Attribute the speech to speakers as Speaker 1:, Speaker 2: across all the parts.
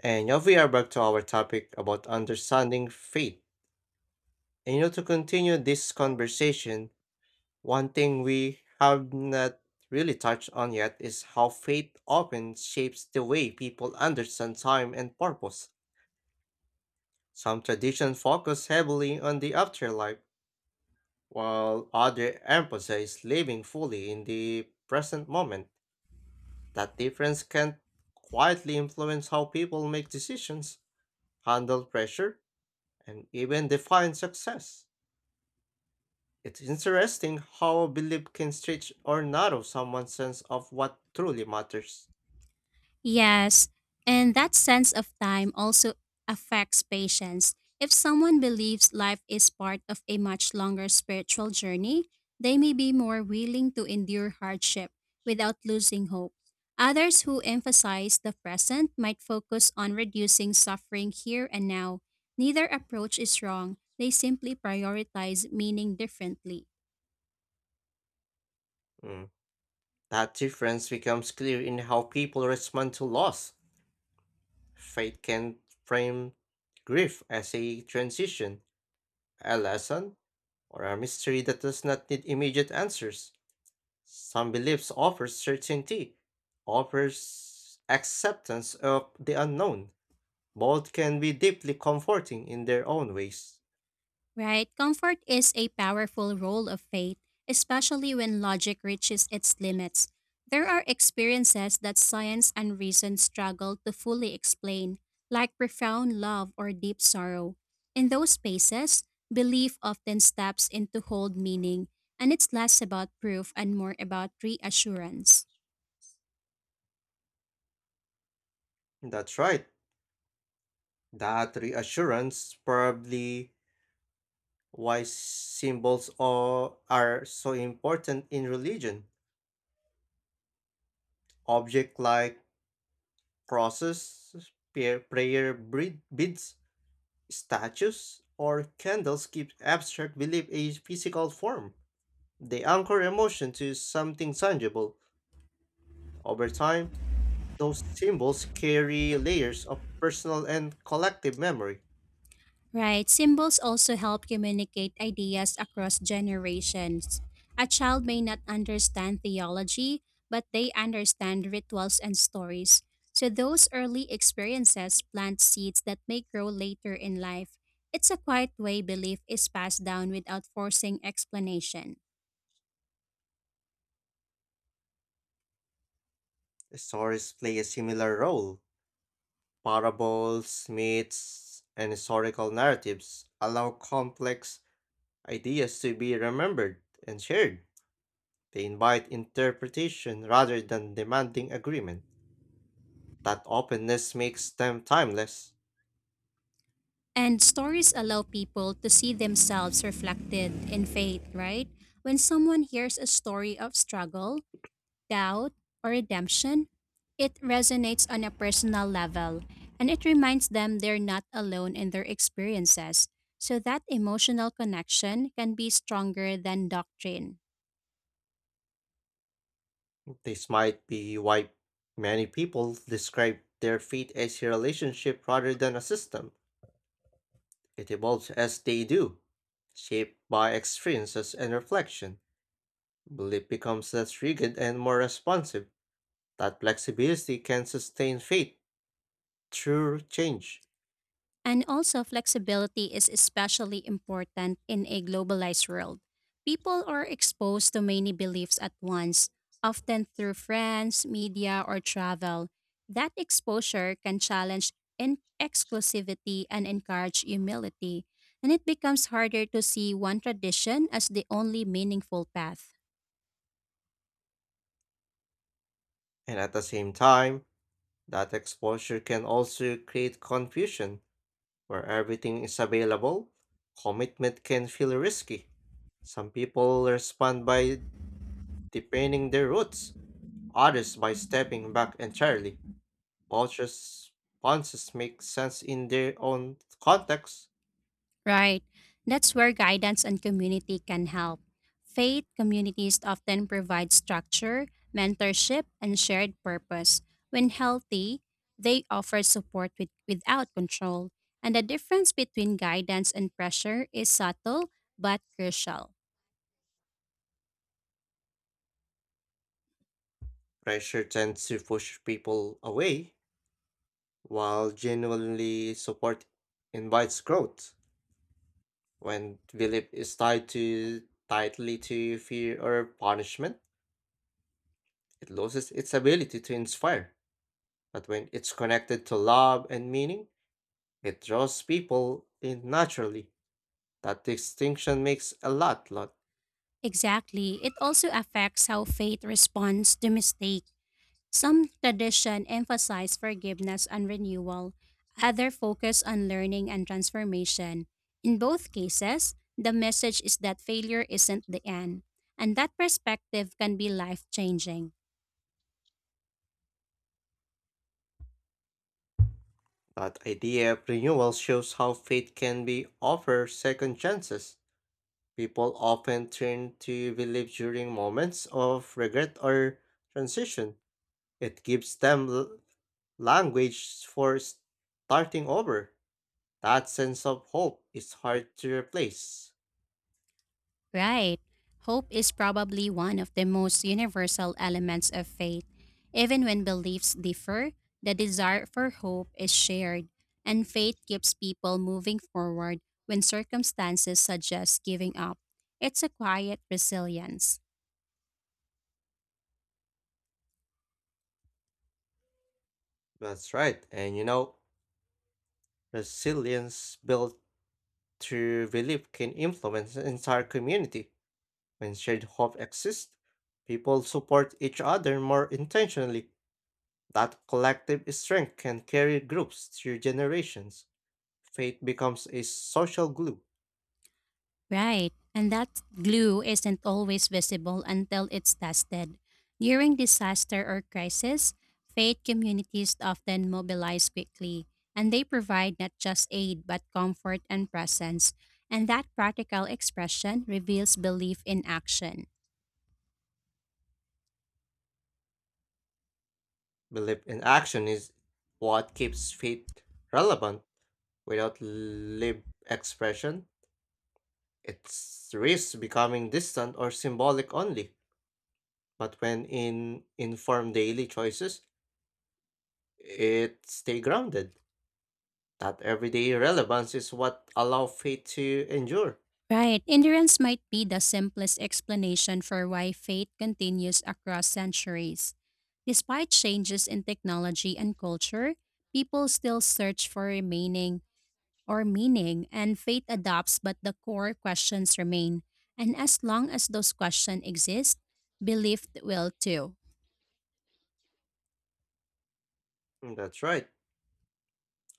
Speaker 1: And now we are back to our topic about understanding faith. To continue this conversation, one thing we have not really touched on yet is how faith often shapes the way people understand time and purpose. Some traditions focus heavily on the afterlife, while others emphasize living fully in the present moment. That difference can quietly influence how people make decisions, handle pressure, and even define success. It's interesting how a belief can stretch or narrow someone's sense of what truly matters.
Speaker 2: Yes, and that sense of time also affects patience. If someone believes life is part of a much longer spiritual journey, they may be more willing to endure hardship without losing hope. Others who emphasize the present might focus on reducing suffering here and now. Neither approach is wrong, they simply prioritize meaning differently.
Speaker 1: Mm. That difference becomes clear in how people respond to loss. Faith can frame grief as a transition, a lesson, or a mystery that does not need immediate answers. Some beliefs offer certainty, offers acceptance of the unknown. Both can be deeply comforting in their own ways.
Speaker 2: Right? Comfort is a powerful role of faith, especially when logic reaches its limits. There are experiences that science and reason struggle to fully explain, like profound love or deep sorrow. In those spaces, belief often steps in to hold meaning, and it's less about proof and more about reassurance.
Speaker 1: That's right. That reassurance probably why symbols are so important in religion. Object like crosses, beads, statues, or candles give abstract belief a physical form. They anchor emotion to something tangible. Over time, those symbols carry layers of personal and collective memory.
Speaker 2: Right. Symbols also help communicate ideas across generations. A child may not understand theology, but they understand rituals and stories. So those early experiences plant seeds that may grow later in life. It's a quiet way belief is passed down without forcing explanation.
Speaker 1: Stories play a similar role. Parables, myths, and historical narratives allow complex ideas to be remembered and shared. They invite interpretation rather than demanding agreement. That openness makes them timeless.
Speaker 2: And stories allow people to see themselves reflected in faith, right? When someone hears a story of struggle, doubt, or redemption, it resonates on a personal level and it reminds them they're not alone in their experiences. So that emotional connection can be stronger than doctrine.
Speaker 1: This might be why many people describe their faith as a relationship rather than a system. It evolves as they do, shaped by experiences and reflection. Belief becomes less rigid and more responsive. That flexibility can sustain faith through change,
Speaker 2: And also, flexibility is especially important in a globalized world. People are exposed to many beliefs at once, often through friends, media, or travel. That exposure can challenge exclusivity and encourage humility, and it becomes harder to see one tradition as the only meaningful path.
Speaker 1: and at the same time, that exposure can also create confusion where everything is available. Commitment can feel risky. Some people respond by deepening their roots, others by stepping back entirely. Both responses make sense in their own context.
Speaker 2: Right. That's where guidance and community can help. Faith communities often provide structure, mentorship, and shared purpose. When healthy, they offer support without control. And the difference between guidance and pressure is subtle but crucial.
Speaker 1: Pressure tends to push people away, while genuinely support invites growth. When belief is tied to tightly to fear or punishment, it loses its ability to inspire. But when it's connected to love and meaning, it draws people in naturally. That distinction makes a lot.
Speaker 2: Exactly. It also affects how faith responds to mistakes. Some tradition emphasize forgiveness and renewal, other focus on learning and transformation. In both cases, the message is that failure isn't the end, and that perspective can be life-changing.
Speaker 1: That idea of renewal shows how faith can be offered second chances. People often turn to belief during moments of regret or transition. It gives them language for starting over. That sense of hope is hard to replace.
Speaker 2: Right. Hope is probably one of the most universal elements of faith. Even when beliefs differ, the desire for hope is shared, and faith keeps people moving forward when circumstances suggest giving up. It's a quiet resilience.
Speaker 1: That's right. Resilience built through belief can influence an entire community. When shared hope exists, people support each other more intentionally. That collective strength can carry groups through generations. Faith becomes a social glue.
Speaker 2: Right, and that glue isn't always visible until it's tested. During disaster or crisis, faith communities often mobilize quickly, and they provide not just aid but comfort and presence. And that practical expression reveals belief in action.
Speaker 1: Belief in action is what keeps faith relevant. Without lived expression, it risks becoming distant or symbolic only, but when in informed daily choices, it stay grounded. That everyday relevance is what allow faith to endure.
Speaker 2: Right, endurance might be the simplest explanation for why faith continues across centuries. Despite changes in technology and culture, people still search for remaining or meaning, and faith adopts, but the core questions remain. And as long as those questions exist, belief will too.
Speaker 1: Mm, that's right.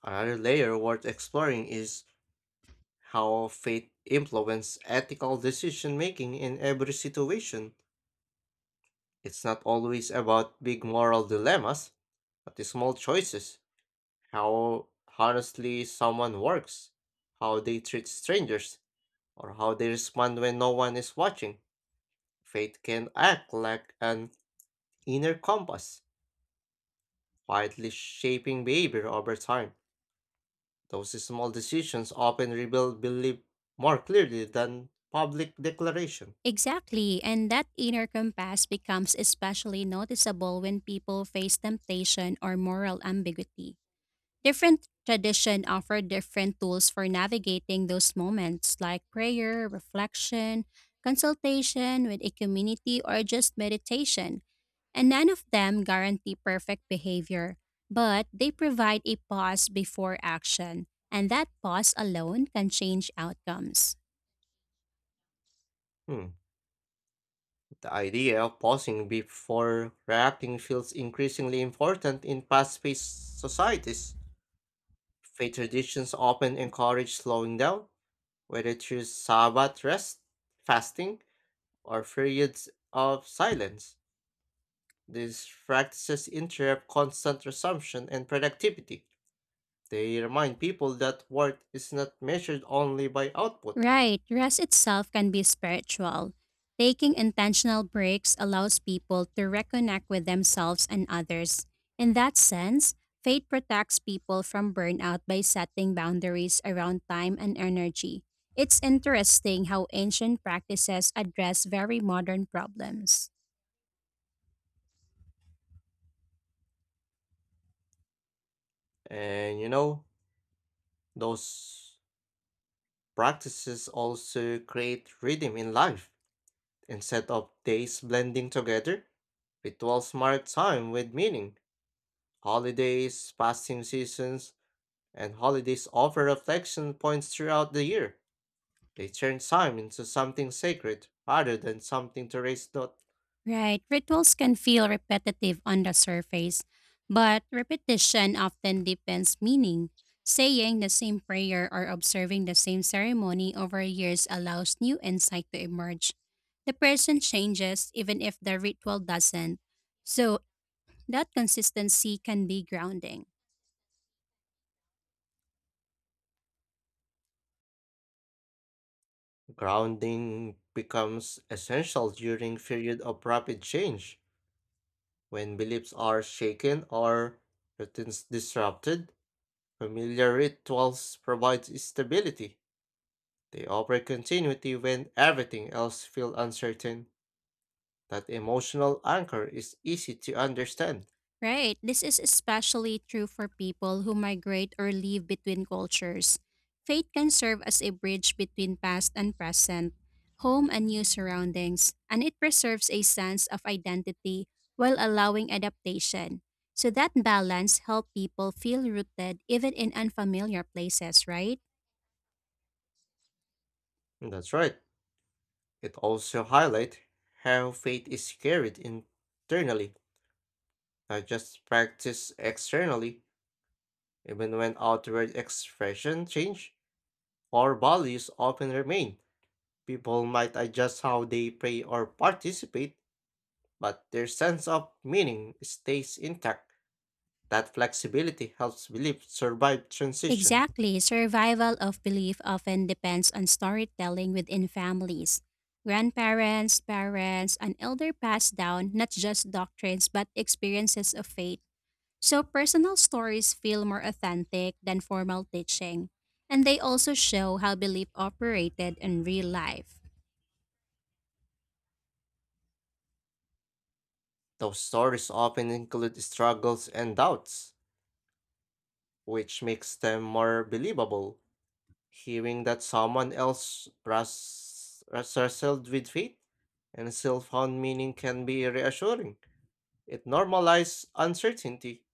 Speaker 1: Another layer worth exploring is how faith influences ethical decision making in every situation. It's not always about big moral dilemmas, but the small choices. How honestly someone works, how they treat strangers, or how they respond when no one is watching. Faith can act like an inner compass, quietly shaping behavior over time. Those small decisions often reveal belief more clearly than public declaration.
Speaker 2: Exactly, and that inner compass becomes especially noticeable when people face temptation or moral ambiguity. Different tradition offer different tools for navigating those moments like prayer, reflection, consultation with a community or just meditation. And none of them guarantee perfect behavior, but they provide a pause before action, and that pause alone can change outcomes.
Speaker 1: Hmm, The idea of pausing before reacting feels increasingly important in fast-paced societies. Faith traditions often encourage slowing down, whether through Sabbath rest, fasting, or periods of silence. These practices interrupt constant resumption and productivity. They remind people that worth is not measured only by output.
Speaker 2: Right, rest itself can be spiritual. Taking intentional breaks allows people to reconnect with themselves and others. In that sense, faith protects people from burnout by setting boundaries around time and energy. It's interesting how ancient practices address very modern problems.
Speaker 1: And you know, those practices also create rhythm in life. Instead of days blending together, rituals smart time with meaning. Holidays, fasting seasons, and holidays offer reflection points throughout the year. They turn time into something sacred rather than something to raise not.
Speaker 2: Right. Rituals can feel repetitive on the surface, but repetition often deepens meaning. Saying the same prayer or observing the same ceremony over years allows new insight to emerge. The person changes even if the ritual doesn't. So, that consistency can be grounding.
Speaker 1: Grounding becomes essential during period of rapid change. When beliefs are shaken or routines disrupted, familiar rituals provide stability. They offer continuity when everything else feels uncertain. That emotional anchor is easy to understand.
Speaker 2: Right. This is especially true for people who migrate or live between cultures. Faith can serve as a bridge between past and present, home and new surroundings, and it preserves a sense of identity while allowing adaptation. So that balance helps people feel rooted even in unfamiliar places, right?
Speaker 1: And that's right. It also highlights how faith is carried internally, not just practiced externally, even when outward expression change. Core values often remain. People might adjust how they pray or participate, but their sense of meaning stays intact. That flexibility helps belief survive transition.
Speaker 2: Exactly. Survival of belief often depends on storytelling within families. Grandparents, parents, and elder pass down not just doctrines but experiences of faith. So personal stories feel more authentic than formal teaching. And they also show how belief operated in real life.
Speaker 1: Those stories often include struggles and doubts, which makes them more believable. Hearing that someone else wrestled with faith and still found meaning can be reassuring. It normalizes uncertainty.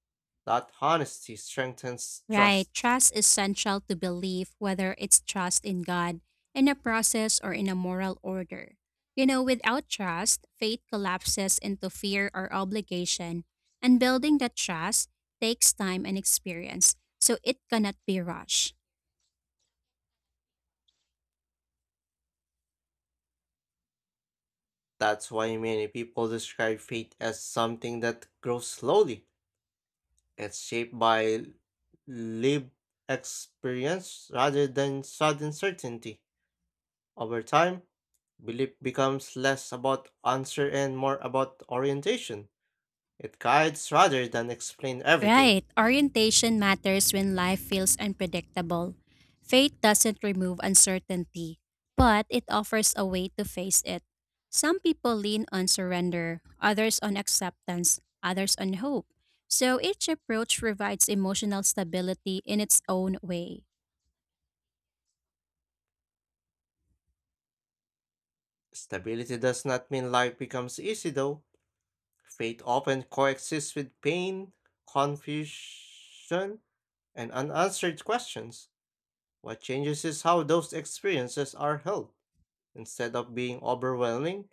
Speaker 1: That honesty strengthens
Speaker 2: Right.
Speaker 1: trust.
Speaker 2: Trust is central to belief, whether it's trust in God, in a process, or in a moral order. You know, without trust, faith collapses into fear or obligation, and building that trust takes time and experience, so it cannot be rushed.
Speaker 1: That's why many people describe faith as something that grows slowly. It's shaped by lived experience rather than sudden certainty. Over time, belief becomes less about answer and more about orientation. It guides rather than explain everything.
Speaker 2: Right. Orientation matters when life feels unpredictable. Faith doesn't remove uncertainty, but it offers a way to face it. Some people lean on surrender, others on acceptance, others on hope. So each approach provides emotional stability in its own way.
Speaker 1: Stability does not mean life becomes easy though. Faith often coexists with pain, confusion, and unanswered questions. What changes is how those experiences are held. Instead of being overwhelming,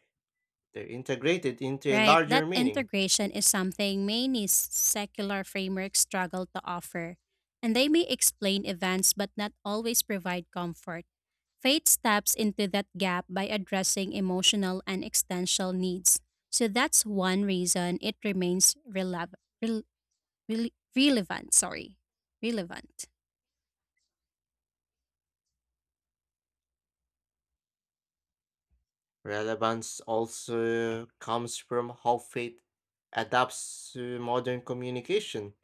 Speaker 1: they're integrated into a
Speaker 2: Right,
Speaker 1: larger
Speaker 2: that
Speaker 1: meaning.
Speaker 2: integration is something many secular frameworks struggle to offer, and they may explain events but not always provide comfort. Faith steps into that gap by addressing emotional and existential needs, so that's one reason it remains relevant. Sorry, relevant.
Speaker 1: Relevance also comes from how faith adapts to modern communication.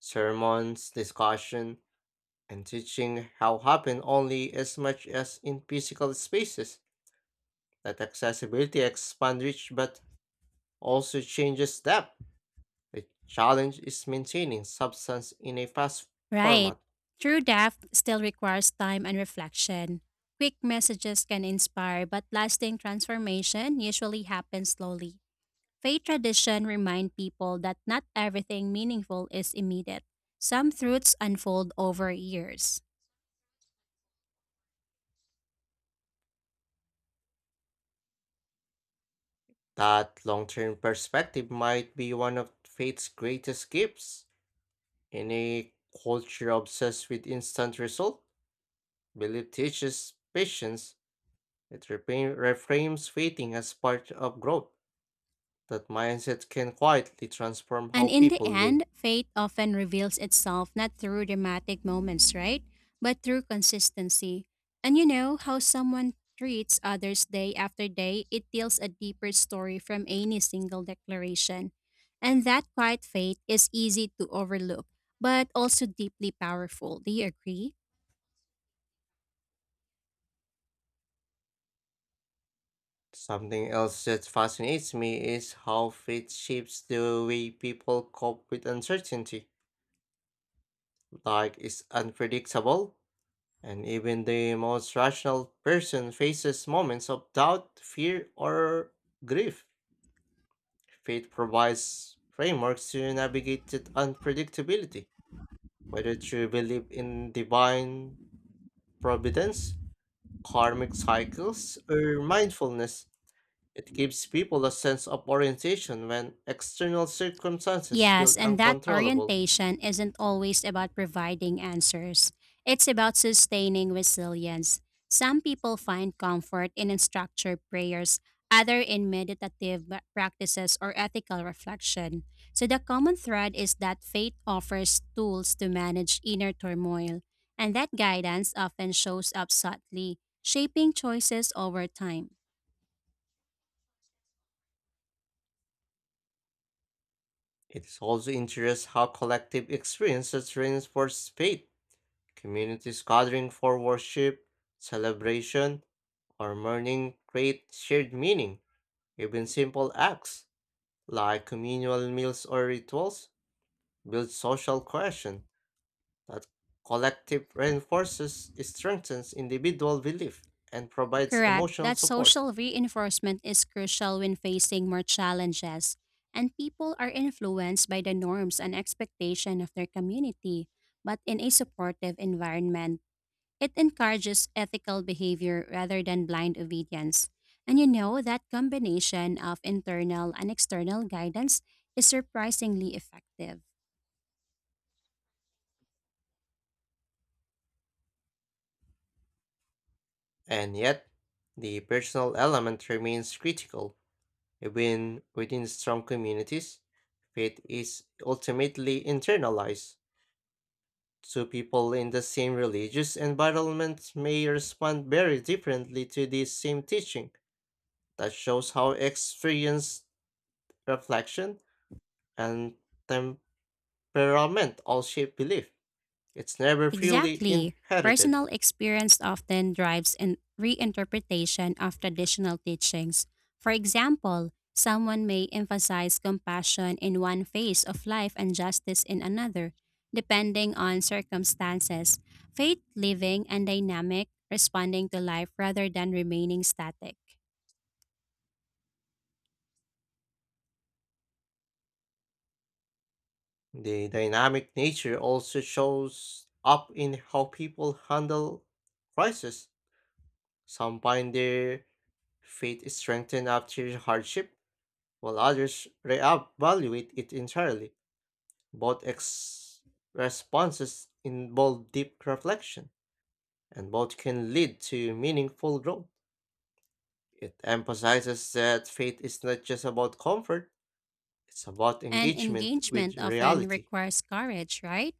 Speaker 1: Sermons, discussion, and teaching how happen only as much as in physical spaces. That accessibility expand reach but also changes step. The challenge is maintaining substance in a fast
Speaker 2: Right.
Speaker 1: format.
Speaker 2: True depth still requires time and reflection. Quick messages can inspire, but lasting transformation usually happens slowly. Faith tradition remind people that not everything meaningful is immediate. Some truths unfold over years.
Speaker 1: That long term perspective might be one of faith's greatest gifts. In a culture obsessed with instant result, belief teaches patience. It reframes waiting as part of growth. That mindset can quietly transform
Speaker 2: And
Speaker 1: how
Speaker 2: in the
Speaker 1: people live.
Speaker 2: end, faith often reveals itself not through dramatic moments, right? But through consistency. And you know how someone treats others day after day, it tells a deeper story from any single declaration. And that quiet faith is easy to overlook, but also deeply powerful. Do you agree?
Speaker 1: Something else that fascinates me is how faith shapes the way people cope with uncertainty. Life is unpredictable, and even the most rational person faces moments of doubt, fear, or grief. Faith provides frameworks to navigate that unpredictability, whether you believe in divine providence, karmic cycles, or mindfulness. It gives people a sense of orientation when external circumstances feel
Speaker 2: Yes, and that
Speaker 1: uncontrollable.
Speaker 2: orientation isn't always about providing answers. It's about sustaining resilience. Some people find comfort in structured prayers, other in meditative practices or ethical reflection. So the common thread is that faith offers tools to manage inner turmoil, and that guidance often shows up subtly, shaping choices over time.
Speaker 1: It is also interesting how collective experiences reinforce faith. Communities gathering for worship, celebration, or mourning create shared meaning. Even simple acts, like communal meals or rituals, build social cohesion. That collective reinforces, strengthens individual belief, and provides
Speaker 2: Correct.
Speaker 1: emotional
Speaker 2: That
Speaker 1: support.
Speaker 2: social reinforcement is crucial when facing more challenges, and people are influenced by the norms and expectation of their community. But in a supportive environment, it encourages ethical behavior rather than blind obedience. And you know that combination of internal and external guidance is surprisingly effective.
Speaker 1: And yet, the personal element remains critical. Even within strong communities, faith is ultimately internalized. Two people in the same religious environment may respond very differently to the same teaching. That shows how experience, reflection, and temperament all shape belief. It's never purely
Speaker 2: Exactly.
Speaker 1: inherited.
Speaker 2: Personal experience often drives in reinterpretation of traditional teachings. For example, someone may emphasize compassion in one phase of life and justice in another, depending on circumstances. Faith living and dynamic, responding to life rather than remaining static.
Speaker 1: The dynamic nature also shows up in how people handle crisis. Some find their faith is strengthened after hardship, while others reevaluate it entirely. Both responses involve deep reflection, and both can lead to meaningful growth. It emphasizes that faith is not just about comfort, it's about
Speaker 2: And
Speaker 1: engagement with
Speaker 2: engagement often
Speaker 1: reality.
Speaker 2: requires courage, right?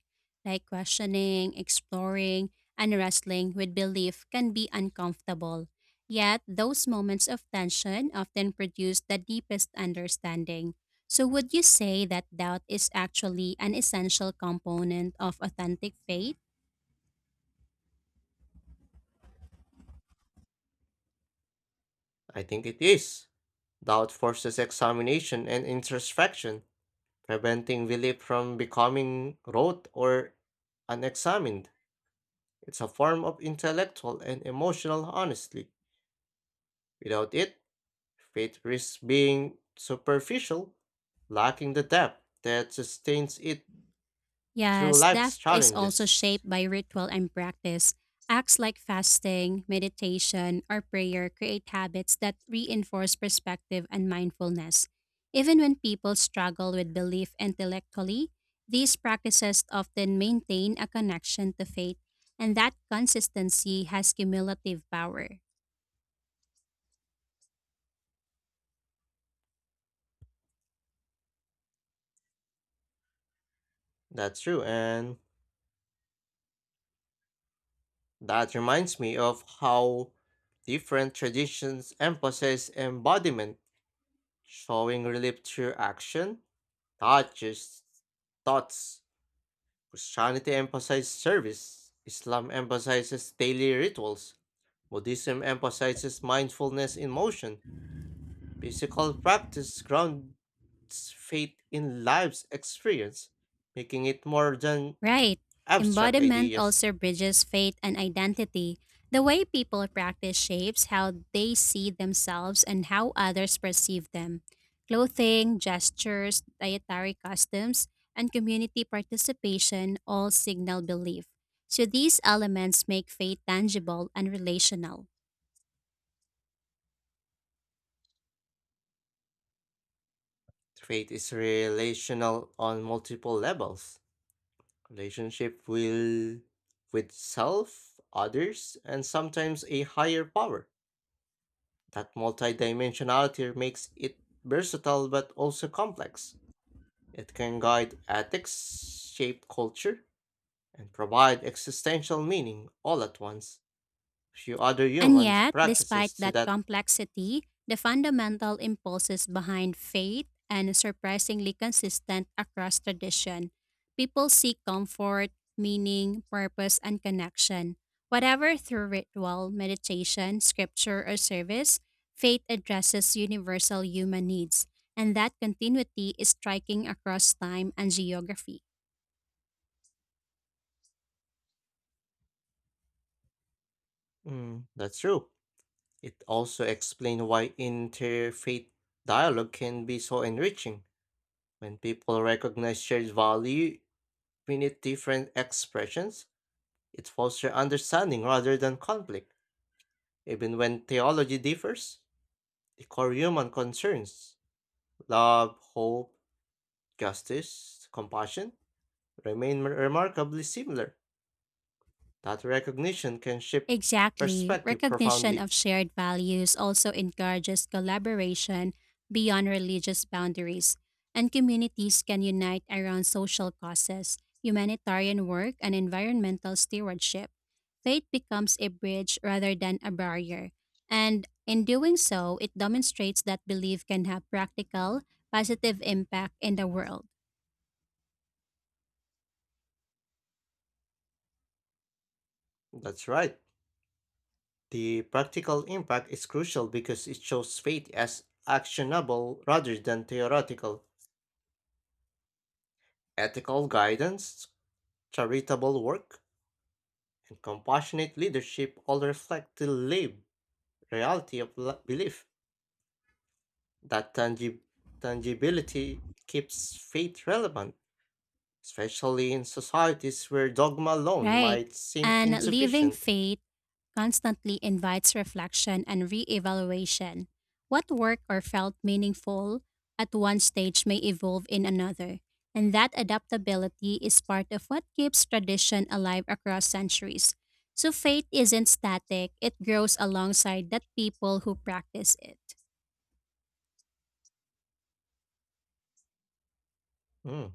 Speaker 2: Like questioning, exploring, and wrestling with belief can be uncomfortable. Yet, those moments of tension often produce the deepest understanding. So, would you say that doubt is actually an essential component of authentic faith?
Speaker 1: I think it is. Doubt forces examination and introspection, preventing belief from becoming rote or unexamined. It's a form of intellectual and emotional honesty. Without it, faith risks being superficial, lacking the depth that sustains it through
Speaker 2: Yes,
Speaker 1: life's
Speaker 2: theft is also
Speaker 1: challenges.
Speaker 2: shaped by ritual and practice. Acts like fasting, meditation, or prayer create habits that reinforce perspective and mindfulness. Even when people struggle with belief intellectually, these practices often maintain a connection to faith, and that consistency has cumulative power.
Speaker 1: That's true, and that reminds me of how different traditions emphasize embodiment, showing relief through action, touches, thoughts. Christianity emphasizes service, Islam emphasizes daily rituals, Buddhism emphasizes mindfulness in motion. Physical practice grounds faith in life's experience, making it more than
Speaker 2: Right.
Speaker 1: abstract
Speaker 2: Embodiment
Speaker 1: ideas.
Speaker 2: also bridges faith and identity. The way people practice shapes how they see themselves and how others perceive them. Clothing, gestures, dietary customs, and community participation all signal belief. So these elements make faith tangible and relational.
Speaker 1: Faith is relational on multiple levels. Relationship will with self, others, and sometimes a higher power. That multidimensionality makes it versatile but also complex. It can guide ethics, shape culture, and provide existential meaning all at once. Few other
Speaker 2: And
Speaker 1: humans
Speaker 2: yet,
Speaker 1: practices
Speaker 2: despite
Speaker 1: to
Speaker 2: that
Speaker 1: that.
Speaker 2: complexity, the fundamental impulses behind faith are surprisingly consistent across tradition. People seek comfort, meaning, purpose, and connection. Whatever through ritual, meditation, scripture, or service, faith addresses universal human needs, and that continuity is striking across time and geography.
Speaker 1: Mm, that's true. It also explains why interfaith dialogue can be so enriching. When people recognize shared value beneath different expressions, it fosters understanding rather than conflict. Even when theology differs, the core human concerns love, hope, justice, compassion remain remarkably similar. That recognition can shift
Speaker 2: Exactly.
Speaker 1: perspective
Speaker 2: Recognition
Speaker 1: profoundly.
Speaker 2: of shared values also encourages collaboration beyond religious boundaries, and communities can unite around social causes, humanitarian work, and environmental stewardship. Faith becomes a bridge rather than a barrier, and in doing so, it demonstrates that belief can have practical, positive impact in the world.
Speaker 1: That's right. The practical impact is crucial because it shows faith as actionable rather than theoretical. Ethical guidance, charitable work, and compassionate leadership all reflect the lived reality of belief. That tangibility keeps faith relevant, especially in societies where dogma alone
Speaker 2: Right.
Speaker 1: might seem
Speaker 2: And living
Speaker 1: insufficient.
Speaker 2: faith constantly invites reflection and reevaluation. What worked or felt meaningful at one stage may evolve in another, and that adaptability is part of what keeps tradition alive across centuries. So faith isn't static, it grows alongside that people who practice it.
Speaker 1: Mm,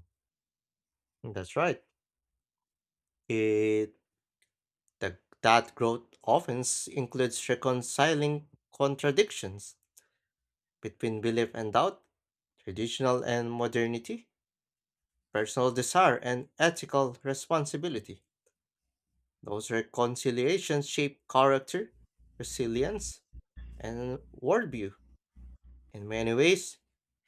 Speaker 1: that's right. It The, that growth often includes reconciling contradictions between belief and doubt, traditional and modernity, personal desire and ethical responsibility. Those reconciliations shape character, resilience, and worldview. In many ways,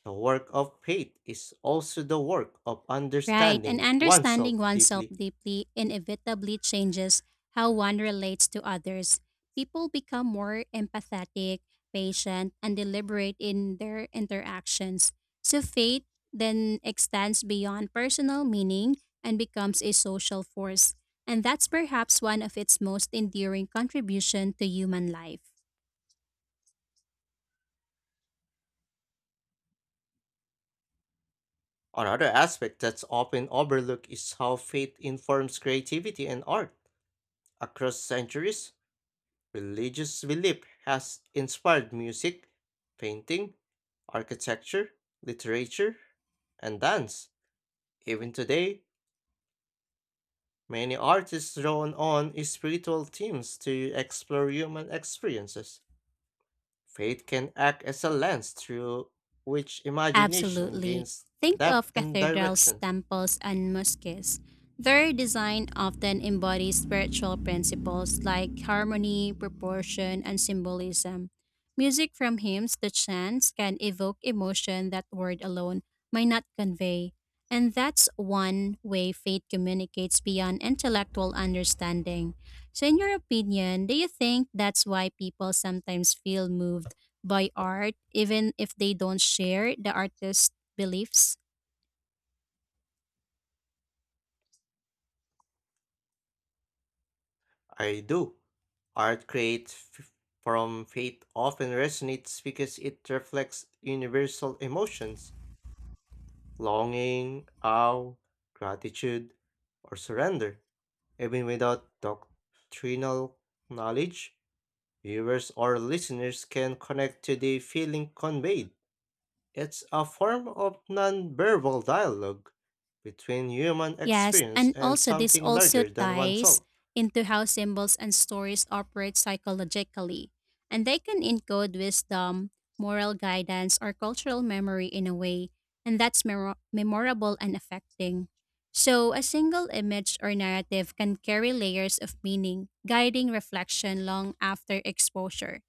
Speaker 1: the work of faith is also the work of
Speaker 2: Right, and
Speaker 1: understanding oneself
Speaker 2: understanding oneself
Speaker 1: deeply.
Speaker 2: deeply inevitably changes how one relates to others. People become more empathetic, patient, and deliberate in their interactions. So faith then extends beyond personal meaning and becomes a social force. And that's perhaps one of its most enduring contribution to human life.
Speaker 1: Another aspect that's often overlooked is how faith informs creativity and art. Across centuries, religious belief has inspired music, painting, architecture, literature, and dance. Even today, many artists draw on spiritual themes to explore human experiences. Faith can act as a lens through which imagination
Speaker 2: Absolutely.
Speaker 1: gains
Speaker 2: Think
Speaker 1: depth
Speaker 2: of
Speaker 1: and
Speaker 2: cathedrals,
Speaker 1: direction.
Speaker 2: temples, and mosques. Their design often embodies spiritual principles like harmony, proportion, and symbolism. Music from hymns to chants can evoke emotion that word alone might not convey. And that's one way faith communicates beyond intellectual understanding. So, in your opinion, do you think that's why people sometimes feel moved by art, even if they don't share the artist's beliefs?
Speaker 1: I do. Art created from faith often resonates because it reflects universal emotions longing, awe, gratitude, or surrender. Even without doctrinal knowledge, viewers or listeners can connect to the feeling conveyed. It's a form of nonverbal dialogue between human
Speaker 2: Yes,
Speaker 1: experience
Speaker 2: and
Speaker 1: and
Speaker 2: also this
Speaker 1: something
Speaker 2: also
Speaker 1: larger than
Speaker 2: ties
Speaker 1: oneself,
Speaker 2: into how symbols and stories operate psychologically, and they can encode wisdom, moral guidance, or cultural memory in a way, and memorable and affecting. So, a single image or narrative can carry layers of meaning, guiding reflection long after exposure.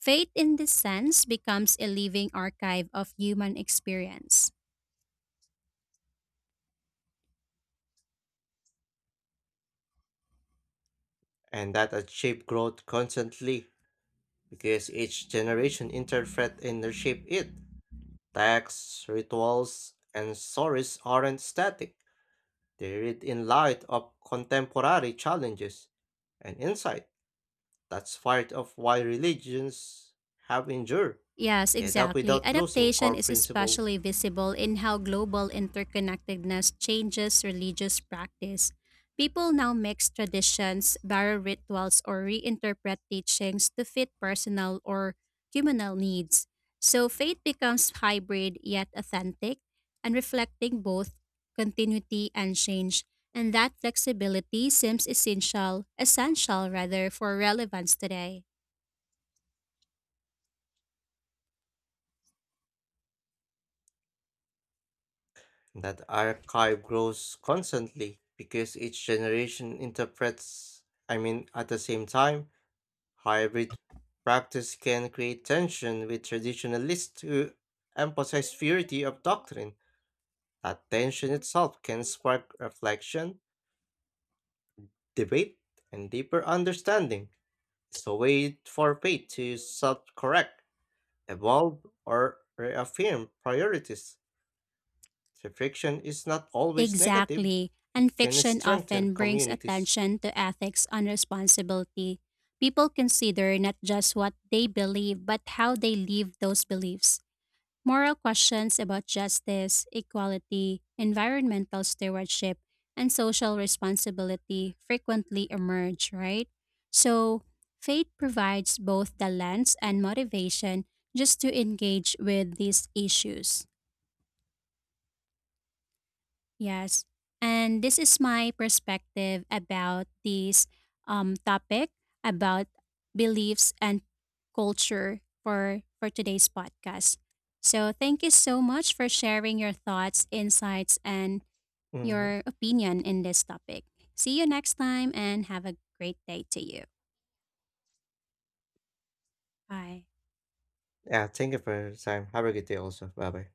Speaker 2: Faith, in this sense, becomes a living archive of human experience.
Speaker 1: and that a growth constantly because each generation interpret and reshape it. Texts, rituals, and stories aren't static. They read in light of contemporary challenges and insight. That's part of why religions have endured.
Speaker 2: Yes,
Speaker 1: They adapt
Speaker 2: exactly.
Speaker 1: without losing
Speaker 2: Adaptation
Speaker 1: core
Speaker 2: is
Speaker 1: principle.
Speaker 2: especially visible in how global interconnectedness changes religious practice. People now mix traditions, borrow rituals, or reinterpret teachings to fit personal or communal needs. So faith becomes hybrid yet authentic and reflecting both continuity and change. And that flexibility seems essential rather, for relevance today.
Speaker 1: That archive grows constantly because each generation interprets, at the same time, hybrid practice can create tension with traditionalists who emphasize purity of doctrine. That tension itself can spark reflection, debate, and deeper understanding. So wait for faith to self-correct, evolve, or reaffirm priorities. Reflection is not always negative.
Speaker 2: Exactly. And
Speaker 1: It can
Speaker 2: fiction
Speaker 1: strengthen
Speaker 2: often brings
Speaker 1: communities.
Speaker 2: attention to ethics and responsibility. People consider not just what they believe, but how they live those beliefs. Moral questions about justice, equality, environmental stewardship, and social responsibility frequently emerge, right? So, faith provides both the lens and motivation just to engage with these issues. Yes. And this is my perspective about this topic about beliefs and culture for today's podcast. So thank you so much for sharing your thoughts, insights, and
Speaker 1: Mhm.
Speaker 2: your opinion in this topic. See you next time and have a great day to you. Bye.
Speaker 1: Yeah, thank you for your time. Have a good day also. Bye bye.